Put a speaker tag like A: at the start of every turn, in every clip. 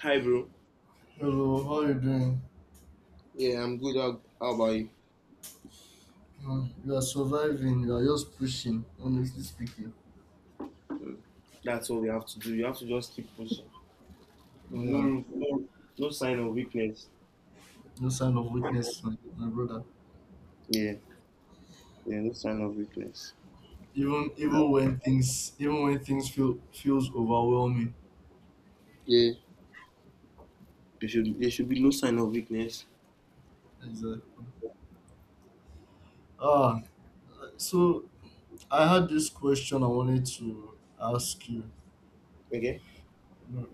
A: Hi, bro.
B: Hello, how are you doing?
A: Yeah, I'm good. How about you?
B: You are surviving, you are just pushing, honestly speaking.
A: That's all we have to do. You have to just keep pushing. No, no,
B: Yeah,
A: room- no, no sign of weakness.
B: no sign of weakness, my brother.
A: Yeah, yeah, no sign of weakness.
B: Even
A: No.
B: even when things even when things feel feels overwhelming.
A: Yeah, there should be no sign of weakness.
B: Exactly. Ah, so I had this question I wanted to ask you.
A: Okay.
B: You know,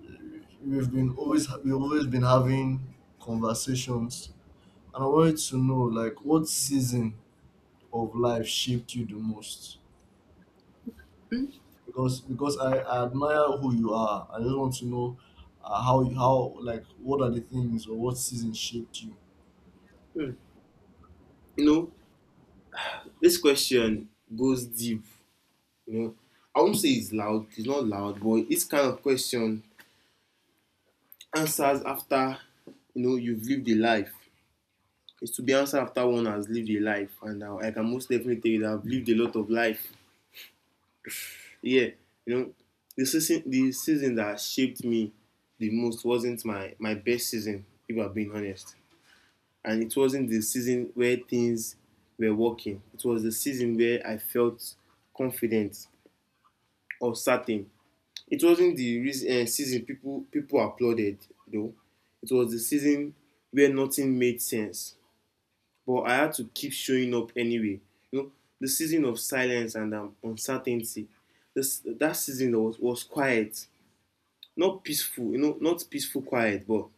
B: we've always been having conversations, and I wanted to know like what season of life shaped you the most. Because I admire who you are. I just want to know how you- how like what are the things or what season shaped you.
A: Hmm. You know, this question goes deep. You know, I won't say it's loud. It's not loud, but it's kind of question answers after you've lived a life. It's to be answered after one has lived a life, and now I can most definitely tell you that I've lived a lot of life. Yeah, you know, the season that shaped me the most wasn't my best season, if I'm being honest. And it wasn't the season where things were working. It was the season where I felt confident or certain. It wasn't the reason, season people applauded though. It was the season where nothing made sense, but I had to keep showing up anyway. You know, the season of silence and uncertainty. This that season was quiet. Not peaceful, you know, not peaceful quiet, but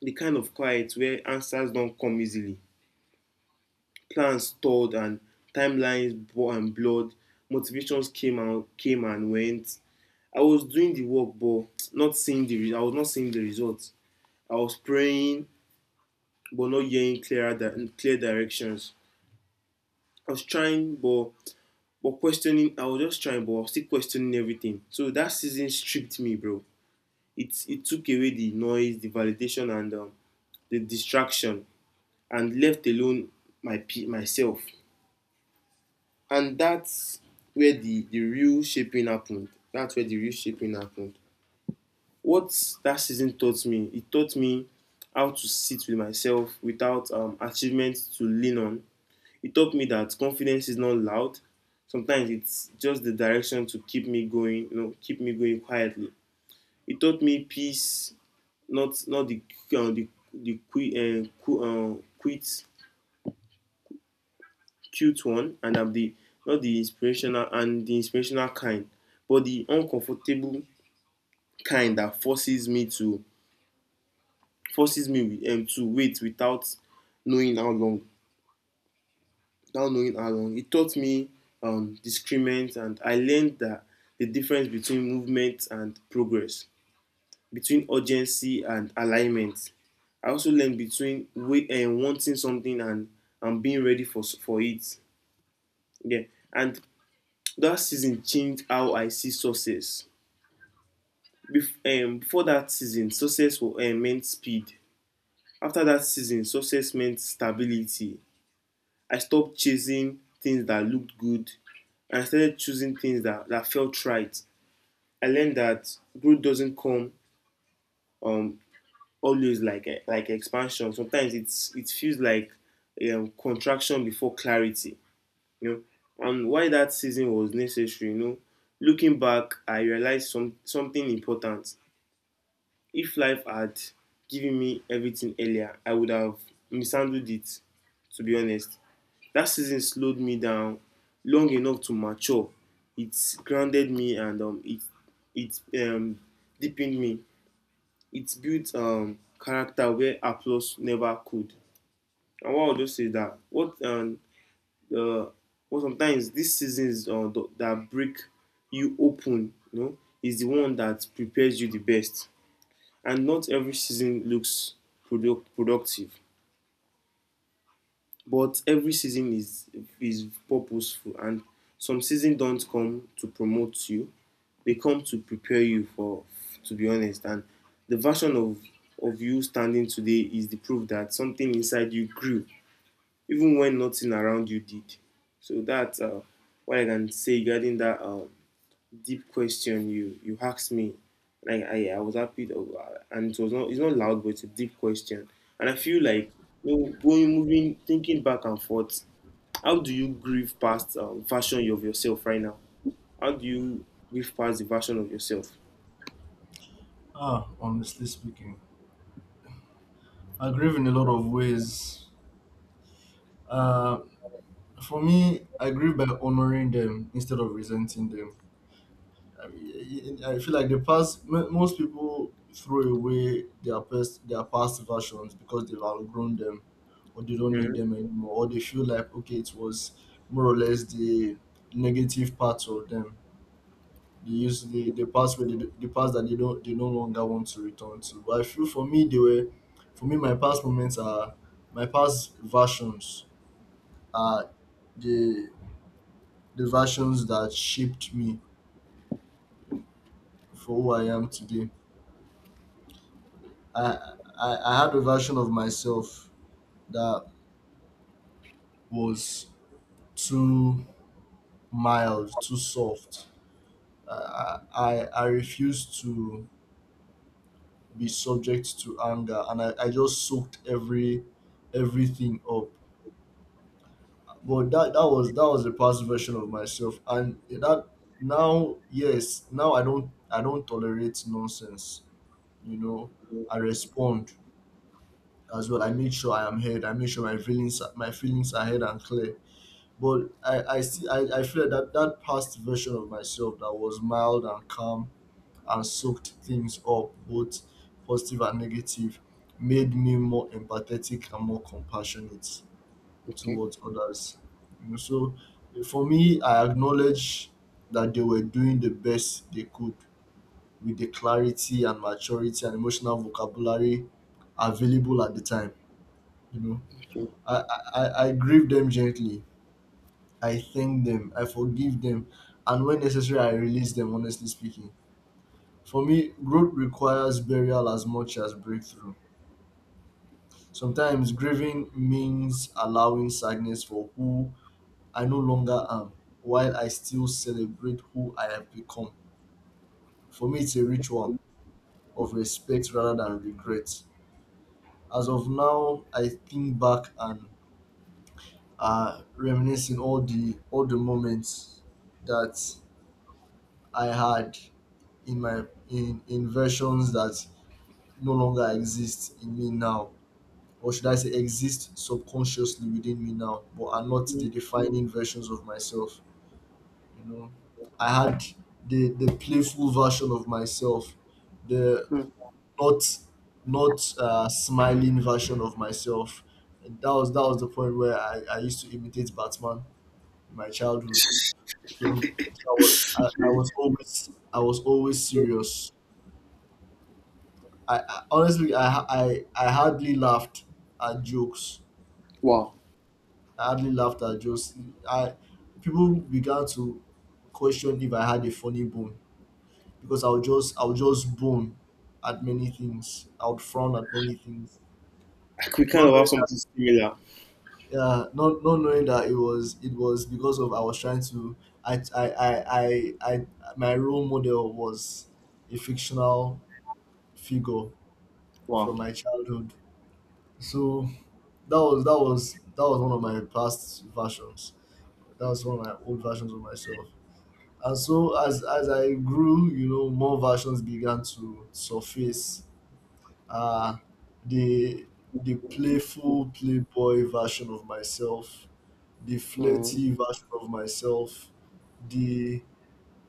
A: the kind of quiet where answers don't come easily. Plans stalled and timelines bore and blood. Motivations came and went. I was doing the work, but not seeing the. Re- I was not seeing the results. I was praying, but not hearing clear directions. I was trying, but questioning. I was just trying, but I was still questioning everything. So that season stripped me, bro. It took away the noise, the validation, and the distraction, and left alone my myself, and that's where the real shaping happened. What that season taught me, it taught me how to sit with myself without achievements to lean on. It taught me that confidence is not loud. Sometimes it's just the direction to keep me going, you know, keep me going quietly. It taught me peace. Not not the the qui- qui- quit cute one, and I'm the not the inspirational, kind, but the uncomfortable kind that forces me to wait without knowing how long. Without knowing how long, it taught me discernment, and I learned that the difference between movement and progress, between urgency and alignment. I also learned between wait, and wanting something and being ready for it. Yeah, and that season changed how I see success. Before that season, success meant speed. After that season, success meant stability. I stopped chasing things that looked good, and I started choosing things that felt right. I learned that growth doesn't come um, always like like expansion. Sometimes it feels like contraction before clarity. You know, and why that season was necessary. You know, looking back, I realized something important. If life had given me everything earlier, I would have mishandled it, to be honest. That season slowed me down long enough to mature. It grounded me, and it, it deepened me. It built character where applause never could. And what I'll just say, that uh, what sometimes these seasons that break you open, you know, is the one that prepares you the best. And not every season looks productive, but every season is purposeful, and some seasons don't come to promote you. They come to prepare you, for to be honest, and the version of you standing today is the proof that something inside you grew even when nothing around you did. So that's what I can say regarding that deep question you asked me. Like, I was happy to, and it's not loud, but it's a deep question. And I feel like, you know, going moving, thinking back and forth. How do you grieve past version of yourself right now? How do you grieve past the version of yourself?
B: Honestly speaking, I grieve in a lot of ways. Uh, for me, I grieve by honoring them instead of resenting them. I mean, I feel like most people throw away their past versions because they've outgrown them, or they don't need
A: Mhm.
B: them anymore, or they feel like okay, it was more or less the negative parts of them. They use the past that they don't they no longer want to return to. But I feel for me my past versions are the the versions that shaped me for who I am today. I had a version of myself that was too mild, too soft. I refused to be subject to anger, and I just soaked everything up. But that was the past version of myself, and that now, yes, now I don't tolerate nonsense, you know. I respond as well. I make sure I am heard. I make sure my feelings are heard and clear. But I feel that that past version of myself that was mild and calm and soaked things up, both positive and negative, made me more empathetic and more compassionate
A: Okay.
B: towards others. You know, so for me, I acknowledge that they were doing the best they could with the clarity and maturity and emotional vocabulary available at the time. You know,
A: Okay.
B: I I grieve them gently. I thank them. I forgive them. And when necessary, I release them, honestly speaking. For me, growth requires burial as much as breakthrough. Sometimes grieving means allowing sadness for who I no longer am, while I still celebrate who I have become. For me, it's a ritual of respect rather than regret. As of now, I think back and reminisce in all the moments that I had in my in versions that no longer exist in me now, or should I say, exist subconsciously within me now, but are not the defining versions of myself. You know, I had the playful version of myself, the not not smiling version of myself. And that was the point where I used to imitate Batman in my childhood. So, so I was always serious. I honestly, I, ha- I hardly laughed at jokes.
A: Wow.
B: I hardly laughed at jokes. I people began to question if I had a funny bone, because I'll just bone at many things. I would frown at many things.
A: Like, we kind
B: Not
A: of
B: knowing
A: have
B: that
A: something similar.
B: yeah, not knowing that it was because of I was trying to I I I I my role model was a fictional figure
A: Wow.
B: from my childhood. So that was one of my past versions. That was one of my old versions of myself. And so as I grew, you know, more versions began to surface. uh the the playful playboy version of myself, the
A: Mm,
B: flirty version of myself, the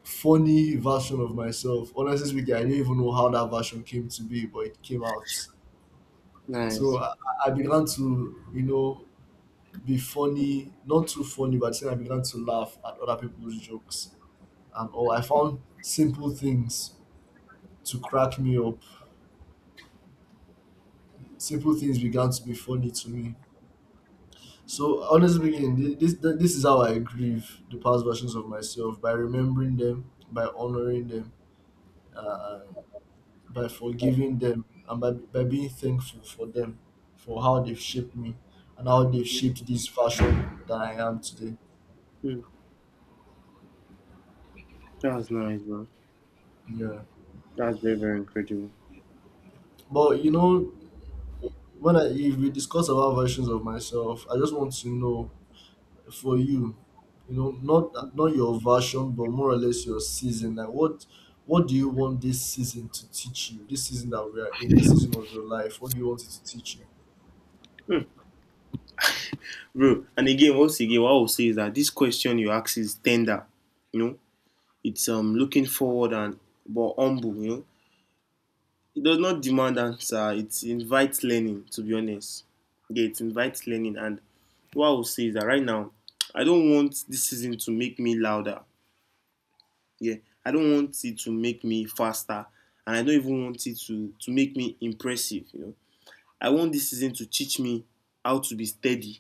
B: funny version of myself. Honestly speaking, I don't even know how that version came to be, but it came out. So
A: nice.
B: I began to, you know, be funny, not too funny, but then I began to laugh at other people's jokes and all. I found simple things to crack me up. Simple things began to be funny to me. So honestly speaking, this is how I grieve the past versions of myself: by remembering them, by honoring them, uh, by forgiving them, and by being thankful for them, for how they've shaped me, and how they've shaped this fashion that I am today.
A: Mm. That was nice, man.
B: Yeah,
A: That's very, very incredible.
B: but you know, when I if we discuss about versions of myself, I just want to know for you, you know, not not your version, but more or less your season. Like what do you want this season to teach you? This season that we are in, this season of your life, what do you want it to teach you?
A: Bro, and again, once again, what I'll say is that this question you ask is tender. You know, it's looking forward and but humble. You know, it does not demand answer. It invites learning. To be honest, yeah, it invites learning. And what I'll say is that right now, I don't want this season to make me louder. Yeah, I don't want it to make me faster, and I don't even want it to make me impressive. You know, I want this season to teach me how to be steady.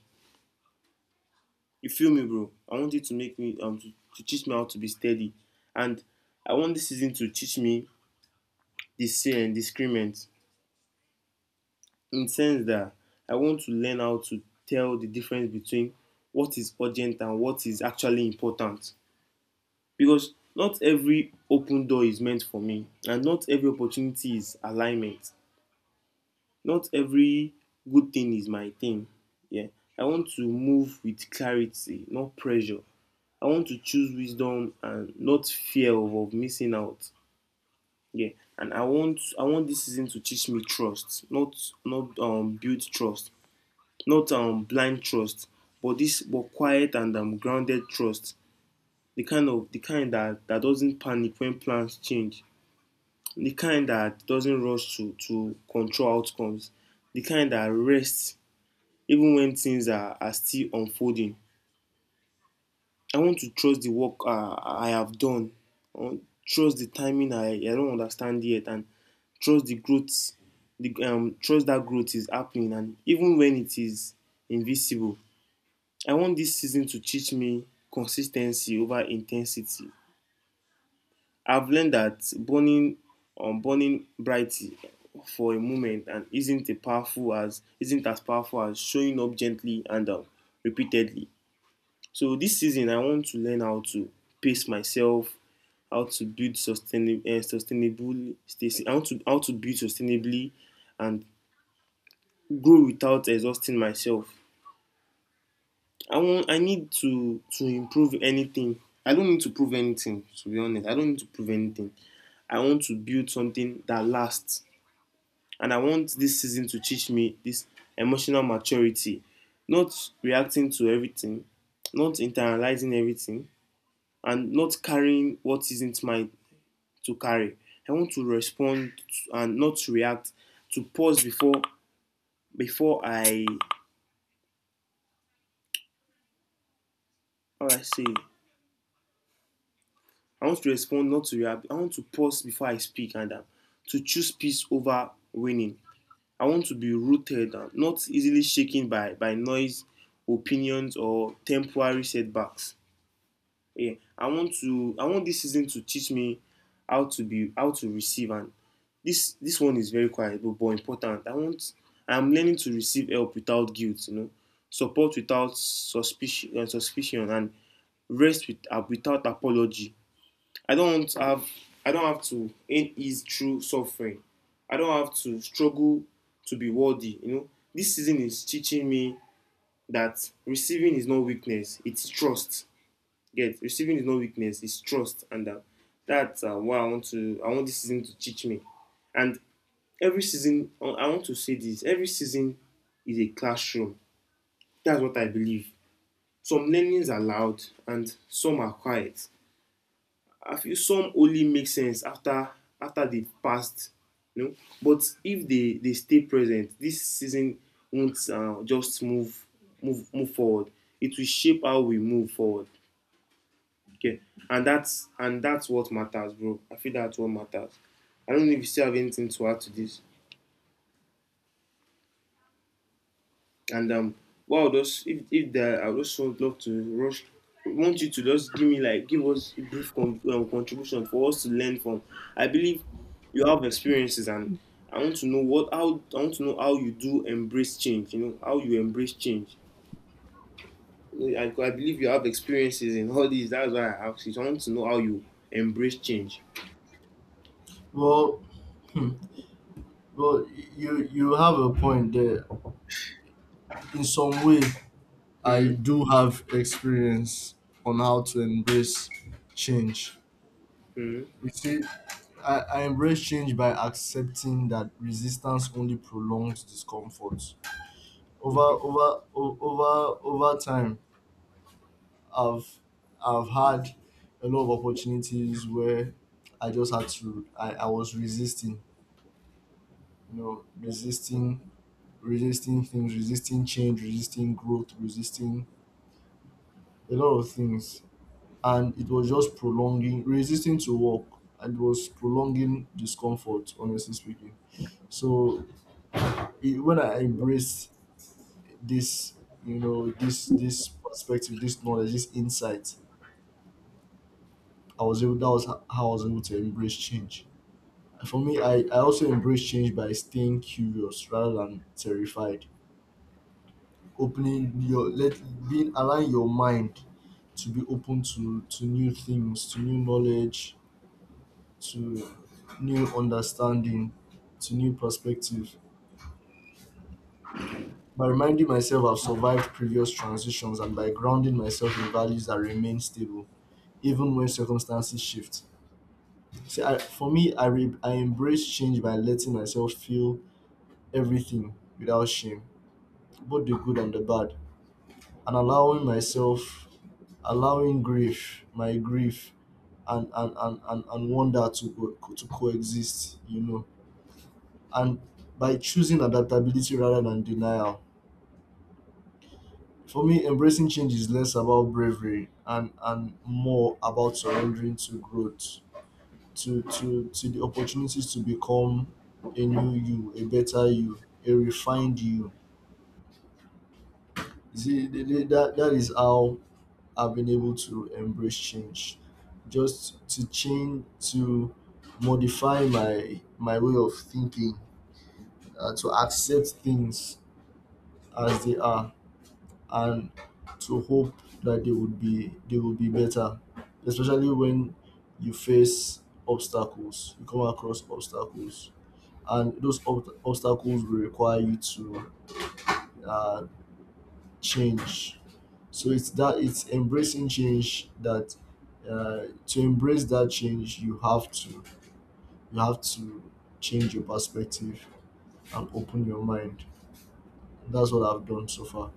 A: You feel me, bro? I want you to make me to teach me how to be steady, and I want this season to teach me the say and discernment, in the sense that I want to learn how to tell the difference between what is urgent and what is actually important, because not every open door is meant for me, and not every opportunity is alignment. Not every good thing is my thing. Yeah, I want to move with clarity, not pressure. I want to choose wisdom and not fear of missing out. Yeah. And I want this season to teach me trust. Not build trust. Not blind trust. But quiet and grounded trust. The kind that doesn't panic when plans change. The kind that doesn't rush to control outcomes. The kind that rests even when things are still unfolding. I want to trust the work I have done. I want to trust the timing I don't understand yet, and trust the growth, the trust that growth is happening, and even when it is invisible. I want this season to teach me consistency over intensity. I've learned that burning brightly for a moment and isn't a powerful as isn't as powerful as showing up gently and repeatedly. So this season, I want to learn how to pace myself, how to build sustainable, sustainable stasi- how to build sustainably and grow without exhausting myself. I want I need to improve anything. I don't need to prove anything, to be honest. I don't need to prove anything. I want to build something that lasts, and I want this season to teach me this emotional maturity. Not reacting to everything, not internalizing everything, and not carrying what isn't mine to carry. I want to respond and not to react. To pause before before I how I say I want to respond, not to react. I want to pause before I speak, and to choose peace over winning. I want to be rooted and not easily shaken by noise, opinions, or temporary setbacks. Yeah, I want this season to teach me how to receive. And this one is very quiet, but important. I want, I'm learning to receive help without guilt, you know, support without suspicion, suspicion and rest without apology. i don't have I don't have to end his true suffering. I don't have to struggle to be worthy. You know, this season is teaching me that receiving is not weakness, it's trust. Yes, receiving is not weakness, it's trust. And that's what I want this season to teach me. And every season, I want to say this, every season is a classroom. That's what I believe. Some learnings are loud and some are quiet. I feel some only make sense after, after they passed, you know. But if they, they stay present, this season won't just move forward. It will shape how we move forward. Okay. And that's what matters, bro. I feel that's what matters. I don't know if you still have anything to add to this. And what I'll just, if there, I just would love to rush. Want you to just give me like, give us a brief contribution for us to learn from. I believe you have experiences, and I want to know how you do embrace change. You know, how you embrace change. You know, I believe you have experiences in all these. That's why I asked you. So I want to know how you embrace change.
B: Well, well, you have a point there. In some way, I
A: Mm-hmm.
B: do have experience on how to embrace change.
A: Mm-hmm.
B: You see, I embrace change by accepting that resistance only prolongs discomfort over
A: Okay.
B: over o- over over time. I've I've had a lot of opportunities where I just had to, I was resisting, you know, resisting things, resisting change, resisting growth, resisting a lot of things. And it was just prolonging resisting to work, and it was prolonging discomfort, honestly speaking. So when I embraced this, you know, this perspective, this knowledge, this insight, I was able that was ho- how I was able to embrace change. For me, I also embrace change by staying curious rather than terrified. Opening your let being Allowing your mind to be open to new things, to new knowledge, to new understanding, to new perspective. By reminding myself I've survived previous transitions, and by grounding myself in values that remain stable, even when circumstances shift. See, I, for me, I, re, I embrace change by letting myself feel everything without shame, both the good and the bad, and allowing myself, allowing grief my grief and and wonder to to coexist, you know. And by choosing adaptability rather than denial. For me, embracing change is less about bravery and more about surrendering to growth, to to the opportunities to become a new you, a better you, a refined you. You see that that is how have been able to embrace change. Just to change to modify my my way of thinking, to accept things as they are, and to hope that they will be better, especially when you face obstacles, you come across obstacles, and those obstacles will require you to uh, change. So it's embracing change, that to embrace that change, you have to you have to change your perspective and open your mind. That's what I've done so far.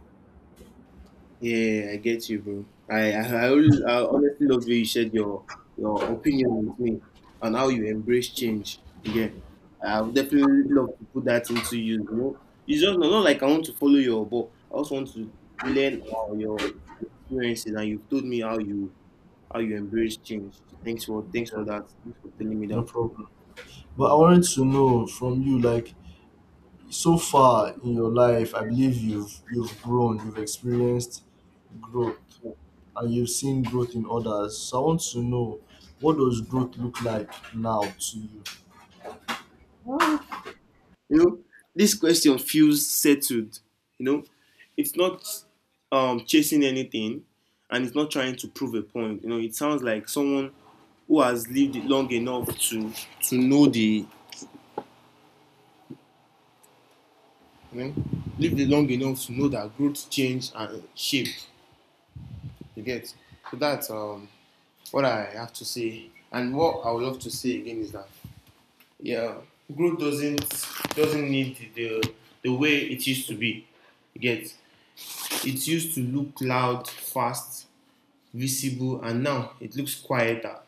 A: Yeah, I get you, bro. I honestly love you. You shared your opinion with me on how you embrace change. Yeah, I would definitely love to put that into you. You know, it's just not like I want to follow your, but I also want to learn all your experiences, and you've told me how you embrace change. Thanks for thanks
B: Yeah,
A: for that. Thanks for telling me
B: no
A: that.
B: problem. But I
A: Mm.
B: wanted to know from you, like so far in your life, I believe you've grown, you've experienced growth, and you've seen growth in others. So I want to know what does growth look like now to you.
A: You know, this question feels settled. You know, it's not chasing anything, and it's not trying to prove a point. You know, it sounds like someone who has lived it long enough to know the you know, lived it long enough to know that growth, change, and shape. You get, so that's what I have to say. And what I would love to say again is that yeah, growth doesn't need the way it used to be. You get. It used to look loud, fast, visible, and now it looks quieter.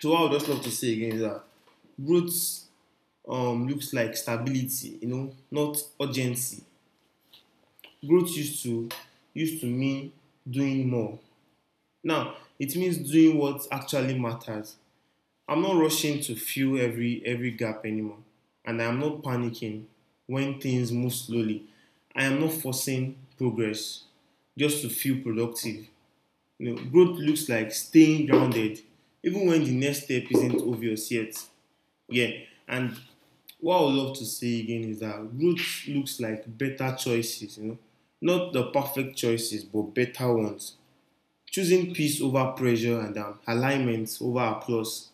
A: So what I would just love to say again is that growth looks like stability, you know, not urgency. Growth used to mean doing more. Now it means doing what actually matters. I'm not rushing to fill every gap anymore, and I'm not panicking when things move slowly. I am not forcing progress just to feel productive. You know, growth looks like staying grounded, even when the next step isn't obvious yet. Yeah, and what I would love to say again is that growth looks like better choices. You know, not the perfect choices, but better ones. Choosing peace over pressure and alignment over applause,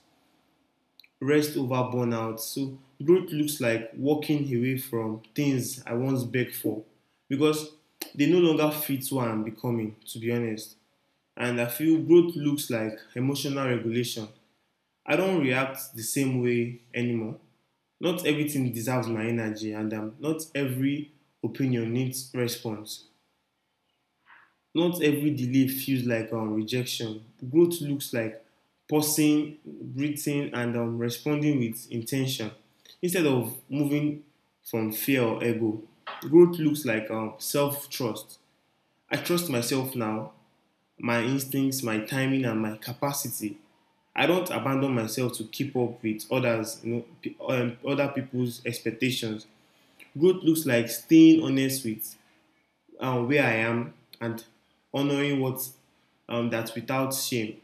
A: rest over burnout. So growth looks like walking away from things I once begged for because they no longer fit who I am becoming. To be honest, and I feel growth looks like emotional regulation. I don't react the same way anymore. Not everything deserves my energy, and not every opinion needs response. Not every delay feels like rejection. Growth looks like pausing, breathing, and responding with intention instead of moving from fear or ego. Growth looks like self trust. I trust myself now, my instincts, my timing, and my capacity. I don't abandon myself to keep up with others, you know, other people's expectations. Growth looks like staying honest with where I am and honoring what that without shame,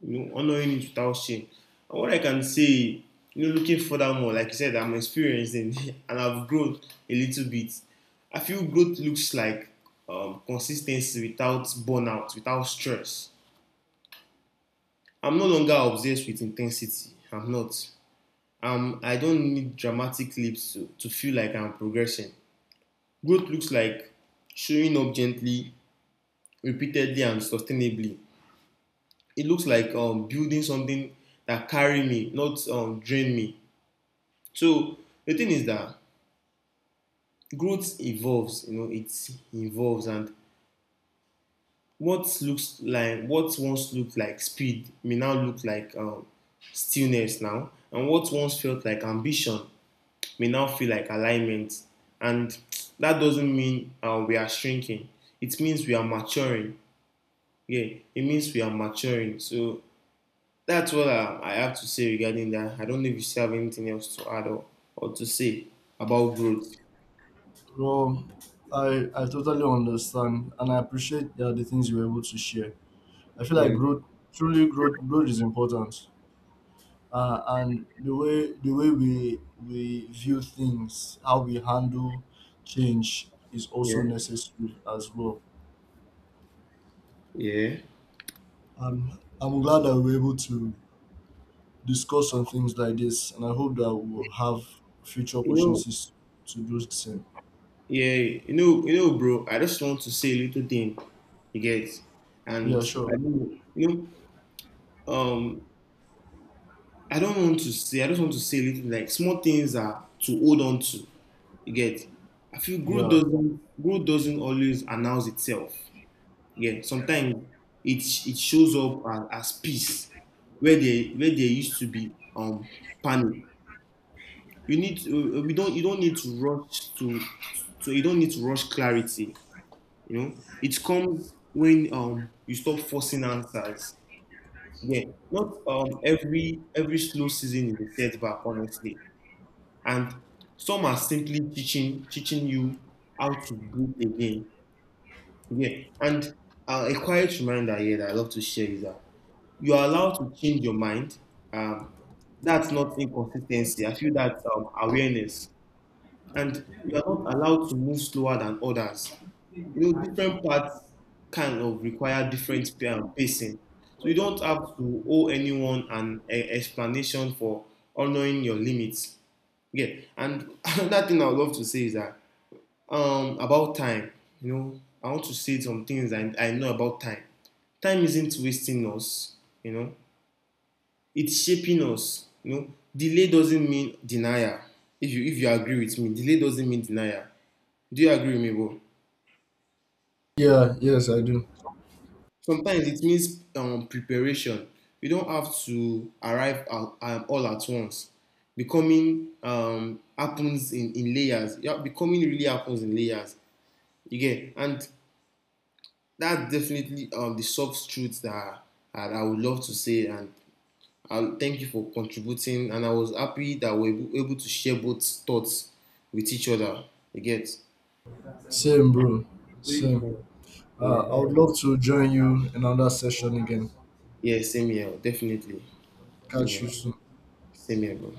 A: you know, honoring it without shame. And what I can say, you know, looking further more, like you said, I'm experienced in, and I've grown a little bit. I feel growth looks like consistency without burnout, without stress. I'm no longer obsessed with intensity. I'm not. I don't need dramatic leaps to feel like I'm progressing. Growth looks like showing up gently, repeatedly, and sustainably. It looks like building something that carry me, not drain me. So the thing is that growth evolves. You know, it evolves, and what looks like what once looked like speed may now look like stillness now, and what once felt like ambition may now feel like alignment. And that doesn't mean we are shrinking. It means we are maturing. Yeah, it means we are maturing. So that's what I have to say regarding that. I don't know if you still have anything else to add or to say about growth.
B: Bro, I totally understand, and I appreciate the things you were able to share. I feel like
A: Yeah,
B: growth, truly growth, growth is important. And the way we view things, how we handle change, is
A: yeah,
B: also necessary as well.
A: yeah.
B: I'm glad that we were able to discuss on things like this, and I hope that we'll have future
A: You know,
B: opportunities to do the same.
A: yeah, bro. I just want to say a little thing. You get, and
B: Yeah,
A: I
B: sure.
A: don't, you know, um, I don't want to say. I just want to say a little like small things are to hold on to. You get? I feel growth
B: Yeah.
A: doesn't growth doesn't always announce itself. Yeah, sometimes it shows up as peace where there used to be panic. You need to, we don't you don't need to rush to so you don't need to rush clarity. You know, it comes when you stop forcing answers. Yeah, not every slow season is a setback, honestly, and some are simply teaching you how to breathe again. Yeah, and a quiet reminder here that I love to share is that you are allowed to change your mind. Um, that's not inconsistency. I feel that's awareness, and you are not allowed to move slower than others. You know, different parts kind of require pacing, so you don't have to owe anyone an explanation for honoring your limits. Yeah, and another thing I would love to say is that about time, you know, I want to say some things I know about time. Time isn't wasting us, you know, it's shaping us. You know, delay doesn't mean denial. If you agree with me, delay doesn't mean denial. Do you agree with me, bro?
B: Yeah. Yes, I do.
A: Sometimes it means preparation. You don't have to arrive at, all at once. Becoming happens in layers. Yeah, becoming really happens in layers. You get, and that's definitely the soft truths that, that I would love to say. And I'll thank you for contributing. And I was happy that we were able to share both thoughts with each other. You get?
B: Same, bro. Same.
A: Yeah.
B: I would love to join you in another session again.
A: Yeah, same here. Definitely. Same
B: Catch
A: here.
B: you soon.
A: Same here, bro.